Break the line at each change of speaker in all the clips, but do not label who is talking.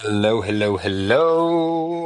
Hello, hello, hello.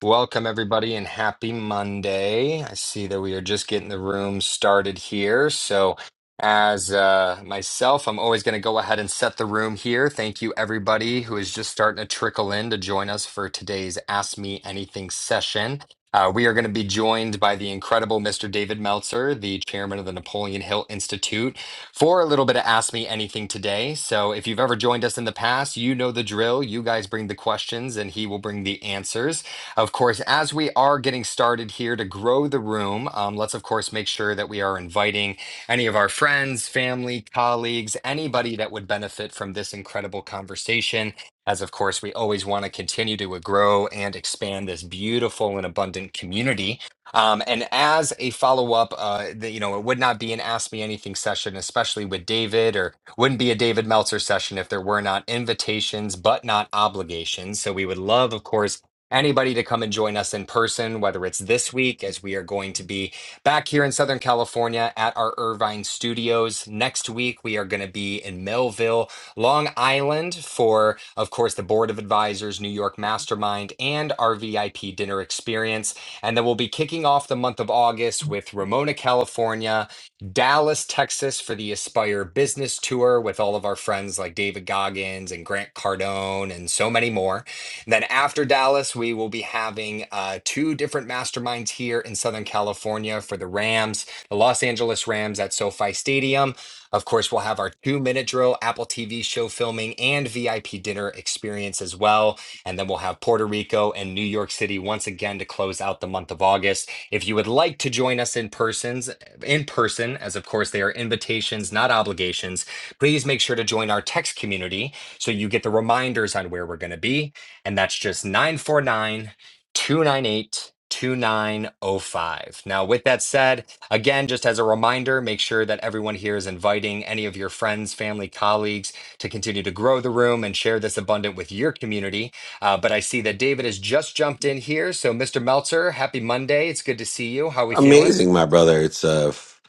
Welcome, everybody, and happy Monday. I see that we are just getting the room started here. So, as uh, myself, I'm always going to go ahead and set the room here. Thank you, everybody, who is just starting to trickle in to join us for today's Ask Me Anything session. Uh, we are going to be joined by the incredible Mr. David Meltzer, the chairman of the Napoleon Hill Institute, for a little bit of Ask Me Anything today. So, if you've ever joined us in the past, you know the drill. You guys bring the questions, and he will bring the answers. Of course, as we are getting started here to grow the room, um, let's of course make sure that we are inviting any of our friends, family, colleagues, anybody that would benefit from this incredible conversation. As of course, we always want to continue to uh, grow and expand this beautiful and abundant community. Um, and as a follow up, uh, the- you know, it would not be an Ask Me Anything session, especially with David, or wouldn't be a David Meltzer session if there were not invitations, but not obligations. So we would love, of course, anybody to come and join us in person, whether it's this week, as we are going to be back here in Southern California at our Irvine studios. Next week, we are going to be in Melville, Long Island for, of course, the Board of Advisors, New York Mastermind, and our VIP dinner experience. And then we'll be kicking off the month of August with Ramona, California, Dallas, Texas for the Aspire Business Tour with all of our friends like David Goggins and Grant Cardone and so many more. And then after Dallas, we will be having uh, two different masterminds here in Southern California for the Rams, the Los Angeles Rams at SoFi Stadium. Of course, we'll have our two minute drill, Apple TV show filming, and VIP dinner experience as well. And then we'll have Puerto Rico and New York City once again to close out the month of August. If you would like to join us in persons, in person, as of course they are invitations, not obligations, please make sure to join our text community so you get the reminders on where we're going to be and that's just 949 298 2905. Now, with that said, again, just as a reminder, make sure that everyone here is inviting any of your friends, family, colleagues to continue to grow the room and share this abundant with your community. Uh, but I see that David has just jumped in here. So, Mr. Meltzer, happy Monday. It's good to see you. How are we feeling?
Amazing, my brother. It's uh, f-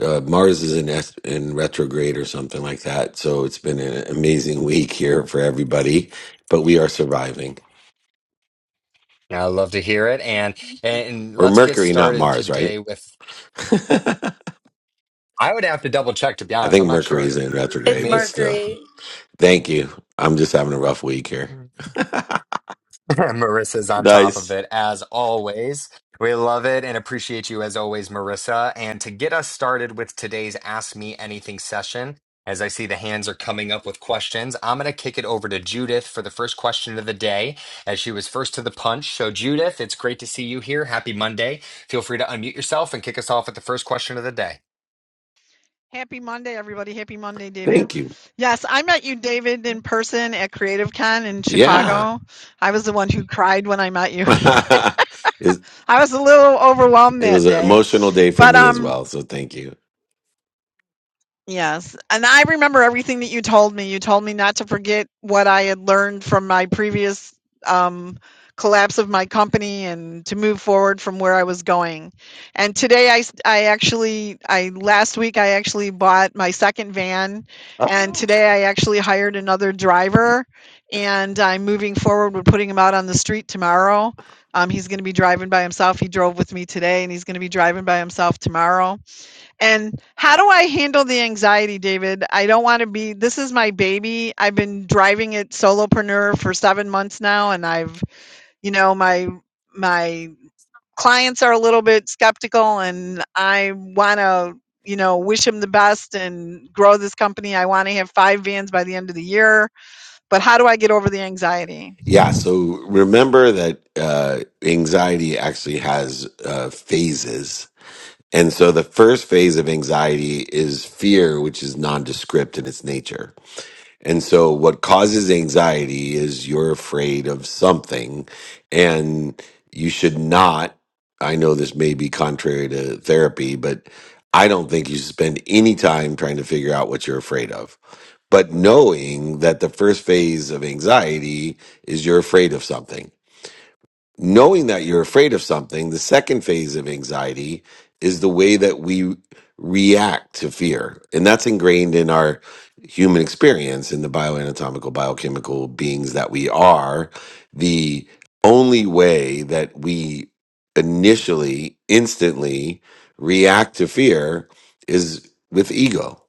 uh Mars is in es- in retrograde or something like that. So it's been an amazing week here for everybody, but we are surviving.
I love to hear it. And, and
Or
let's get
Mercury, not
started
Mars, right?
today with,
I
I would have to double check, to be honest. I'm
think
not
Mercury
sure.
is in
Let
It's
retrograde, but
me
still.
Mercury.
Thank you. I'm just having a rough week here.
Marissa's on top of
Nice.
it as always. We love it and appreciate you as always, Marissa. And to get us started with today's Ask Me Anything session, as I see the hands are coming up with questions, I'm going to kick it over to Judith for the first question of the day, as she was first to the punch. So, Judith, it's great to see you here. Happy Monday. Feel free to unmute yourself and kick us off with the first question of the day.
Happy Monday, everybody. Happy Monday, David.
Thank you.
Yes, I met you, David, in person at CreativeCon in
Yeah.
Chicago. I was the one who cried when I met you.
it
I was a little overwhelmed
it was
that
an
day.
emotional day for
But
me as
um
well, so thank you.
Yes. And I remember everything that you told me. You told me not to forget what I had learned from my previous um, collapse of my company and to move forward from where I was going. And today I, s- I actually, I last week I actually bought my second van and today I actually hired another driver and I'm moving forward with putting him out on the street tomorrow. Um, he's going to be driving by himself. He drove with me today and he's going to be driving by himself tomorrow and how do I handle the anxiety, David? I don't want to be, this is my baby. I've been driving it solopreneur for seven months now, and I've, you know, my, my clients are a little bit skeptical and I want to, you know, wish them the best and grow this company. I want to have five vans by the end of the year. But how do I get over the anxiety?
Yeah, so remember that uh, anxiety actually has uh, phases. And so the first phase of anxiety is fear, which is nondescript in its nature. And so what causes anxiety is you're afraid of something, and you should not. I know this may be contrary to therapy, but I don't think you should spend any time trying to figure out what you're afraid of but knowing that the first phase of anxiety is you're afraid of something. Knowing that you're afraid of something, the second phase of anxiety is the way that we react to fear. And that's ingrained in our human experience in the bioanatomical, biochemical beings that we are. The only way that we initially, instantly react to fear is with ego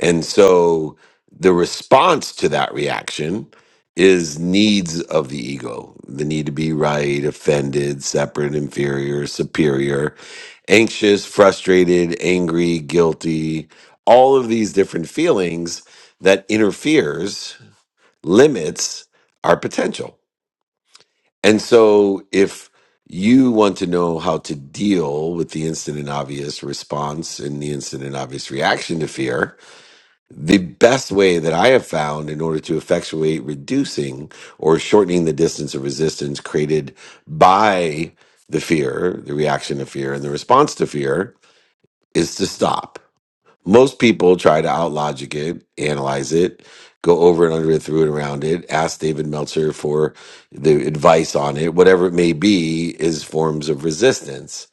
and so the response to that reaction is needs of the ego the need to be right, offended, separate, inferior, superior, anxious, frustrated, angry, guilty, all of these different feelings that interferes, limits our potential. And so if you want to know how to deal with the instant and obvious response and the instant and obvious reaction to fear, the best way that I have found in order to effectuate reducing or shortening the distance of resistance created by the fear, the reaction to fear, and the response to fear is to stop. Most people try to outlogic it, analyze it, go over and under it, through and around it, ask David Meltzer for the advice on it, whatever it may be, is forms of resistance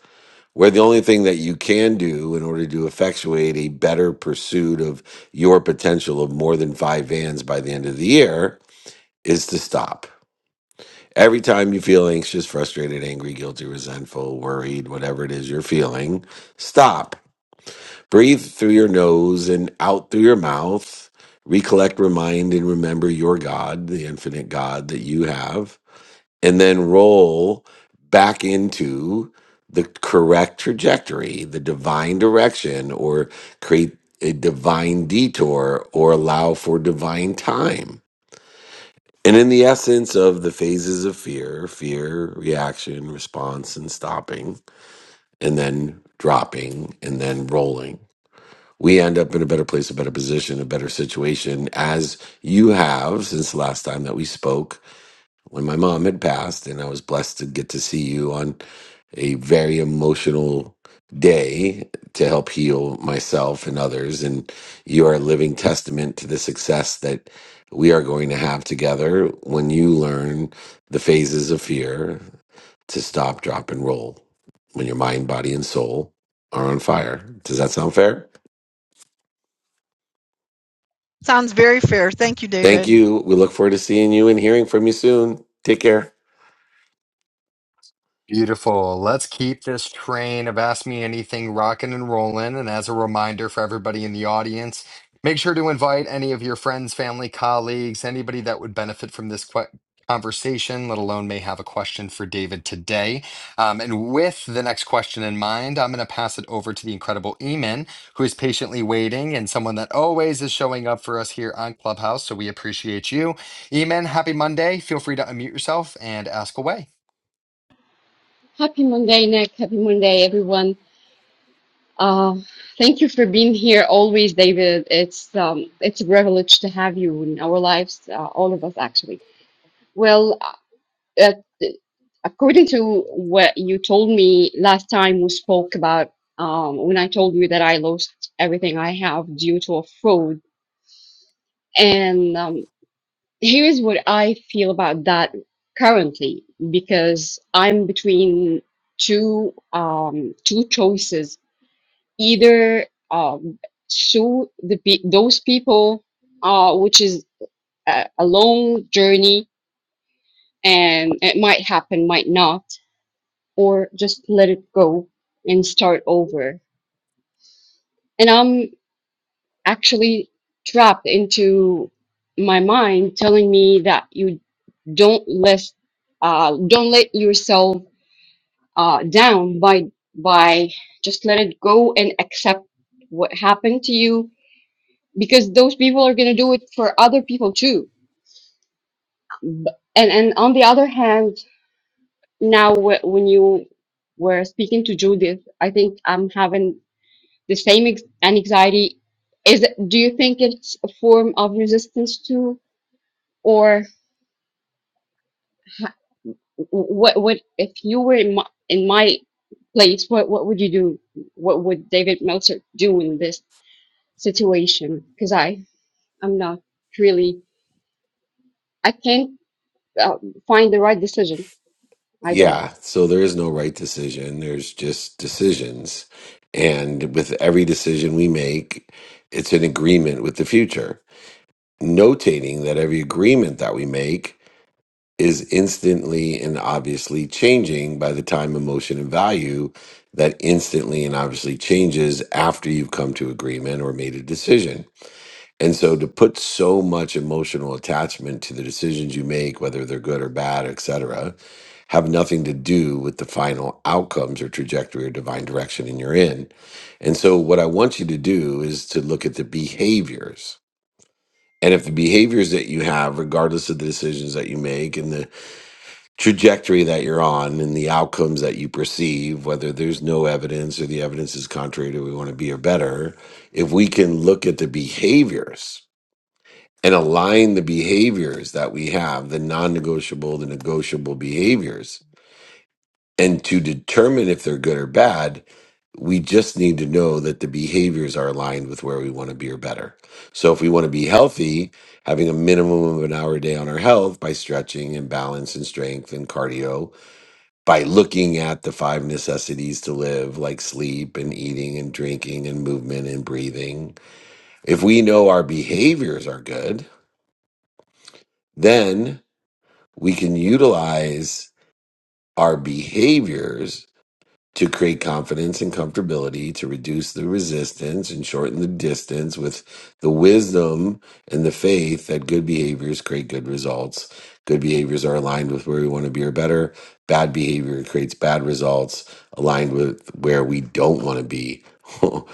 where the only thing that you can do in order to effectuate a better pursuit of your potential of more than five vans by the end of the year is to stop. Every time you feel anxious, frustrated, angry, guilty, resentful, worried, whatever it is you're feeling, stop. Breathe through your nose and out through your mouth. Recollect, remind, and remember your God, the infinite God that you have and then roll back into the correct trajectory, the divine direction, or create a divine detour or allow for divine time. And in the essence of the phases of fear, fear, reaction, response, and stopping, and then dropping, and then rolling, we end up in a better place, a better position, a better situation, as you have since the last time that we spoke when my mom had passed, and I was blessed to get to see you on a very emotional day to help heal myself and others. And you are a living testament to the success that we are going to have together when you learn the phases of fear to stop, drop, and roll when your mind, body, and soul are on fire. Does that sound fair?
Sounds very fair. Thank you,
Thank
David.
you. We look forward to seeing you and hearing from you soon. Take care.
Beautiful. Let's keep this train of Ask Me Anything rocking and rolling. And as a reminder for everybody in the audience, make sure to invite any of your friends, family, colleagues, anybody that would benefit from this que- conversation, let alone may have a question for David today. Um, and with the next question in mind, I'm going to pass it over to the incredible Eamon, who is patiently waiting and someone that always is showing up for us here on Clubhouse. So we appreciate you. Eamon, happy Monday. Feel free to unmute yourself and ask away.
Happy Monday, Nick. Happy Monday, everyone. Uh, thank you for being here always, David. It's um, it's a privilege to have you in our lives, uh, all of us, actually. Well, uh, according to what you told me last time we spoke about, um, when I told you that I lost everything I have due to a fraud, and um, here's what I feel about that currently, because I'm between two um, two choices either um, sue the pe- those people, uh, which is a, a long journey and it might happen, might not, or just let it go and start over. And I'm actually trapped into my mind telling me that you don't let uh, don't let yourself uh, down by by just let it go and accept what happened to you because those people are going to do it for other people too. B- And and on the other hand, now wh- when you were speaking to Judith, I think I'm having the same ex- anxiety. Is it- do you think it's a form of resistance too, or ha- what? What if you were in my, in my place? What what would you do? What would David Meltzer do in this situation? Because I I'm not really I can't uh, find the right decision. I don't.
Yeah, so there is no right decision. There's just decisions. And with every decision we make, it's an agreement with the future. Notating that every agreement that we make is instantly and obviously changing by the time emotion and value that instantly and obviously changes after you've come to agreement or made a decision. And so to put so much emotional attachment to the decisions you make, whether they're good or bad, et cetera, have nothing to do with the final outcomes or trajectory or divine direction and you're in. And so what I want you to do is to look at the behaviors. And if the behaviors that you have, regardless of the decisions that you make and the trajectory that you're on and the outcomes that you perceive, whether there's no evidence or the evidence is contrary to what we want to be or better, if we can look at the behaviors and align the behaviors that we have, the non negotiable, the negotiable behaviors. And to determine if they're good or bad, we just need to know that the behaviors are aligned with where we want to be or better. So if we want to be healthy, having a minimum of an hour a day on our health by stretching and balance and strength and cardio, by looking at the five necessities to live, like sleep and eating and drinking and movement and breathing. If we know our behaviors are good, then. we can utilize our behaviors to create confidence and comfortability, to reduce the resistance and shorten the distance with the wisdom and the faith that good behaviors create good results. Good behaviors are aligned with where we want to be or better. Bad behavior creates bad results aligned with where we don't want to be.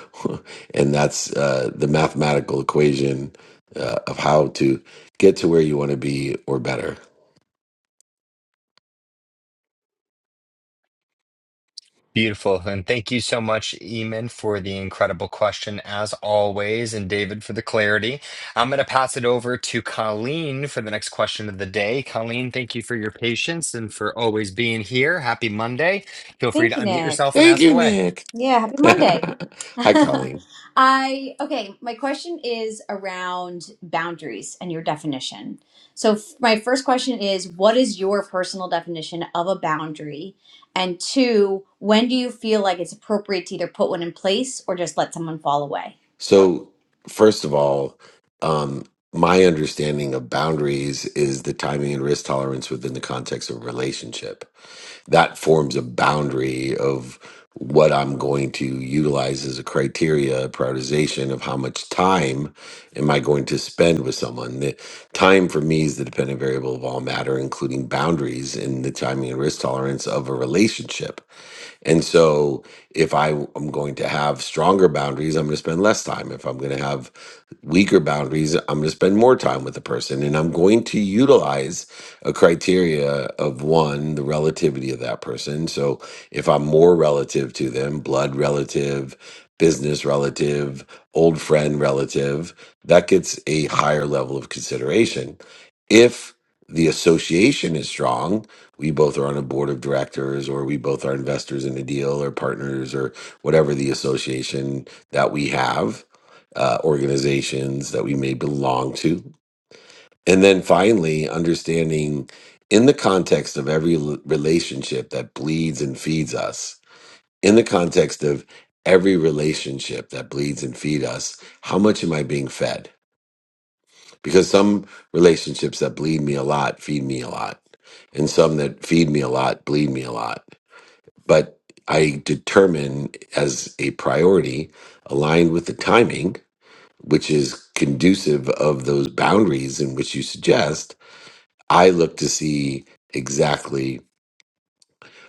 and that's uh, the mathematical equation uh, of how to get to where you want to be or better.
Beautiful. And thank you so much, Eamon, for the incredible question, as always, and David for the clarity. I'm going to pass it over to Colleen for the next question of the day. Colleen, thank you for your patience and for always being here. Happy Monday. Feel free to
Thank you,
unmute
Nick.
yourself and
Thank
ask
you,
away.
Nick.
Yeah, happy Monday.
Hi, Colleen.
I okay, my question is around boundaries and your definition. So f- my first question is what is your personal definition of a boundary? And two, when do you feel like it's appropriate to either put one in place or just let someone fall away?
So, first of all, um, my understanding of boundaries is the timing and risk tolerance within the context of a relationship. that forms a boundary of what I'm going to utilize as a criteria prioritization of how much time am I going to spend with someone. The time for me is the dependent variable of all matter, including boundaries and the timing and risk tolerance of a relationship. And so, if I am going to have stronger boundaries, I'm going to spend less time. If I'm going to have weaker boundaries, I'm going to spend more time with the person. And I'm going to utilize a criteria of one, the relativity of that person. So if I'm more relative to them, blood relative, business relative, old friend relative, that gets a higher level of consideration. If the association is strong, we both are on a board of directors, or we both are investors in a deal, or partners, or whatever the association that we have, uh, organizations that we may belong to. And then finally, understanding in the context of every l- relationship that bleeds and feeds us, in the context of every relationship that bleeds and feed us, how much am I being fed? Because some relationships that bleed me a lot feed me a lot, and some that feed me a lot bleed me a lot. But I determine as a priority aligned with the timing, which is conducive of those boundaries in which you suggest I look to see exactly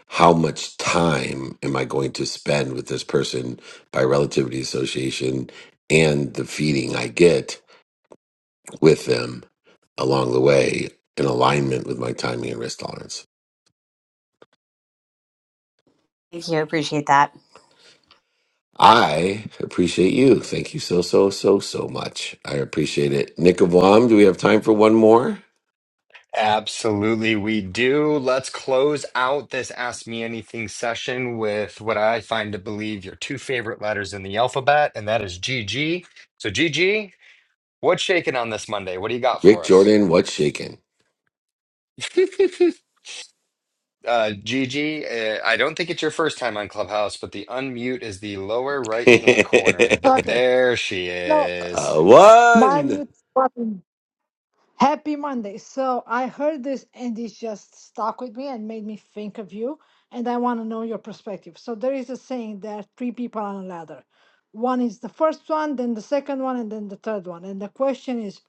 how much time am I going to spend with this person by relativity association and the feeding I get with them along the way in alignment with my timing and risk tolerance.
Thank you. I appreciate that.
I appreciate you. Thank you so, so, so, so much. I appreciate it. Nick Avam, do we have time for one more?
Absolutely, we do. Let's close out this Ask Me Anything session with what I find to believe your two favorite letters in the alphabet, and that is G G. So, G G, what's shaking on this Monday? What do you got
Rick
for us?
Jordan, what's shaking?
Uh, Gigi, uh, I don't think it's your first time on Clubhouse, but the unmute is the lower right
uh,
hand corner.
Okay,
There she
so
is.
mine
one.
is fucking happy Monday. So I heard this and it just stuck with me and made me think of you. And I want to know your perspective. So there is a saying there are three people on a ladder. One is the first one, then the second one, and then the third one. And the question is,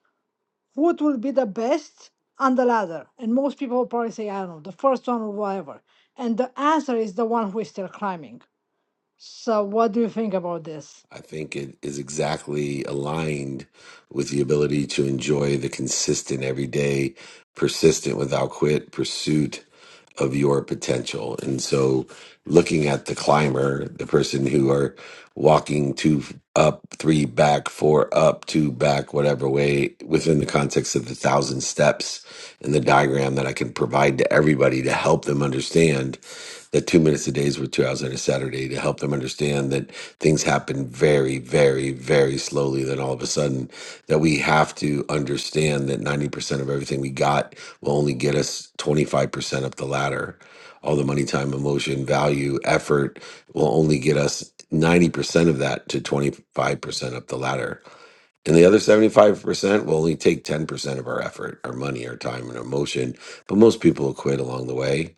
what will be the best on the ladder? And most people will probably say, I don't know, the first one or whatever. And the answer is the one who is still climbing. So what do you think about this?
I think it is exactly aligned with the ability to enjoy the consistent, everyday, persistent, without quit pursuit of your potential. And so, looking at the climber, the person who are walking two up, three back, four up, two back, whatever way, within the context of the thousand steps in the diagram that I can provide to everybody to help them understand that two minutes a day is worth two hours on a Saturday to help them understand that things happen very, very, very slowly. Then all of a sudden, that we have to understand that 90% of everything we got will only get us 25% up the ladder. All the money, time, emotion, value, effort will only get us 90% of that to 25% up the ladder and the other 75% will only take 10% of our effort, our money, our time, and our emotion. But most people will quit along the way.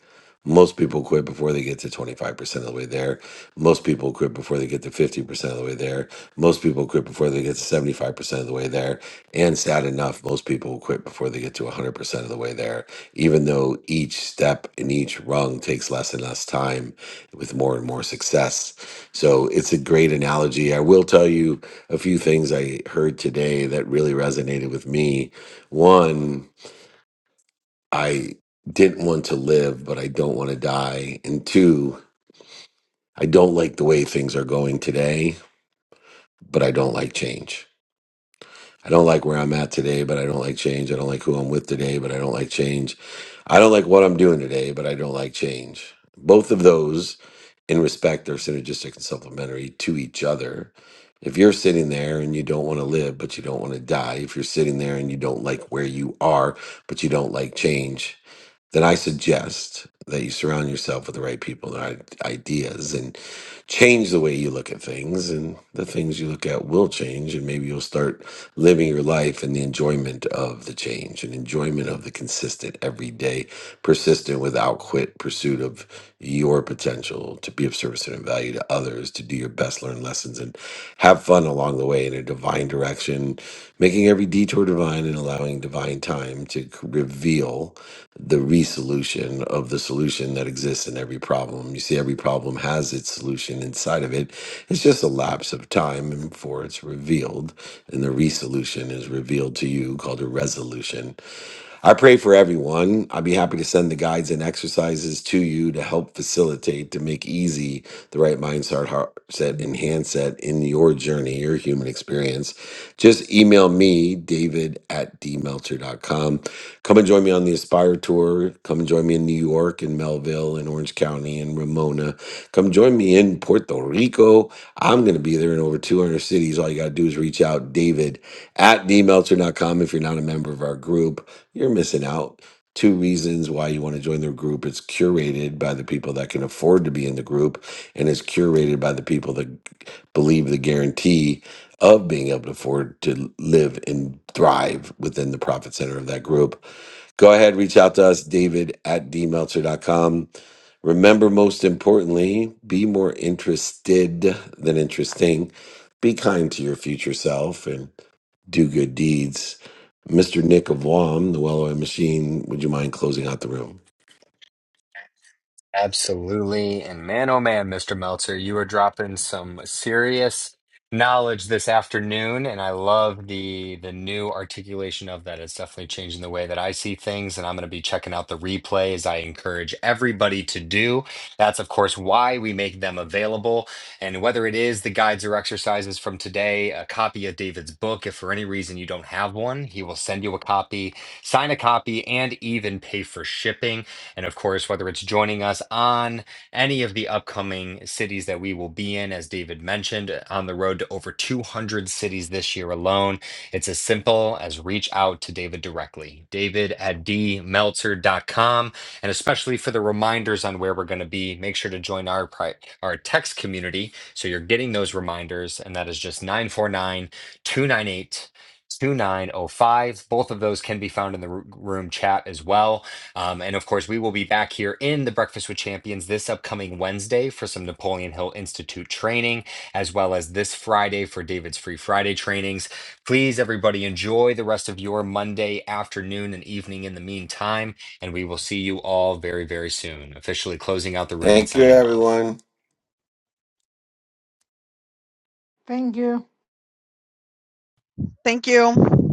Most people quit before they get to 25% of the way there. Most people quit before they get to 50% of the way there. Most people quit before they get to 75% of the way there. And sad enough, most people will quit before they get to 100% of the way there, even though each step and each rung takes less and less time with more and more success. So it's a great analogy. I will tell you a few things I heard today that really resonated with me. One, I didn't want to live, but I don't want to die. And two, I don't like the way things are going today, but I don't like change. I don't like where I'm at today, but I don't like change. I don't like who I'm with today, but I don't like change. I don't like what I'm doing today, but I don't like change. Both of those in respect, they're synergistic and supplementary to each other. If you're sitting there and you don't want to live, but you don't want to die, if you're sitting there and you don't like where you are, but you don't like change, then I suggest that you surround yourself with the right people and i- ideas and change the way you look at things. And the things you look at will change. And maybe you'll start living your life in the enjoyment of the change and enjoyment of the consistent, everyday, persistent, without quit pursuit of your potential to be of service and value to others, to do your best, learn lessons, and have fun along the way in a divine direction, making every detour divine and allowing divine time to c- reveal the resolution of the solution that exists in every problem. You see, every problem has its solution inside of it. It's just a lapse of time before it's revealed, and the resolution is revealed to you called a resolution I pray for everyone. I'd be happy to send the guides and exercises to you to help facilitate to make easy the right mindset, heart set, and handset in your journey, your human experience. Just email me, David at d meltzer dot com. Come and join me on the Aspire Tour. Come and join me in New York, in Melville, in Orange County, in Ramona. Come join me in Puerto Rico. I'm going to be there in over 200 cities. All you got to do is reach out, David at d meltzer dot com. if you're not a member of our group. You're missing out. Two reasons why you want to join the group. It's curated by the people that can afford to be in the group, and it's curated by the people that believe the guarantee of being able to afford to live and thrive within the profit center of that group. Go ahead, reach out to us, david at d meltzer dot com. Remember, most importantly, be more interested than interesting. Be kind to your future self. and do good deeds. Mr. Nick of Wam, the Wellaway Machine, would you mind closing out the room?
Absolutely. And man, oh man, Mr. Meltzer, you were dropping some serious knowledge this afternoon, and I love the the new articulation of that. It's definitely changing the way that I see things, and I'm going to be checking out the replay as I encourage everybody to do. That's, of course, why we make them available. And whether it is the guides or exercises from today, a copy of David's book, if for any reason you don't have one, he will send you a copy, sign a copy, and even pay for shipping. And of course, whether it's joining us on any of the upcoming cities that we will be in, as David mentioned, on the road to over 200 cities this year alone, it's as simple as reach out to David directly, david at d meltzer dot com. And especially for the reminders on where we're going to be, make sure to join our, pri- our text community so you're getting those reminders. And that is just 949 298 2905. Both of those can be found in the ru- room chat as well. Um, and of course, we will be back here in the Breakfast with Champions this upcoming Wednesday for some Napoleon Hill Institute training, as well as this Friday for David's Free Friday trainings. Please, everybody, enjoy the rest of your Monday afternoon and evening in the meantime. And we will see you all very, very soon, officially closing out the room and
Thank you,
signing off.
everyone.
Thank you.
Thank you.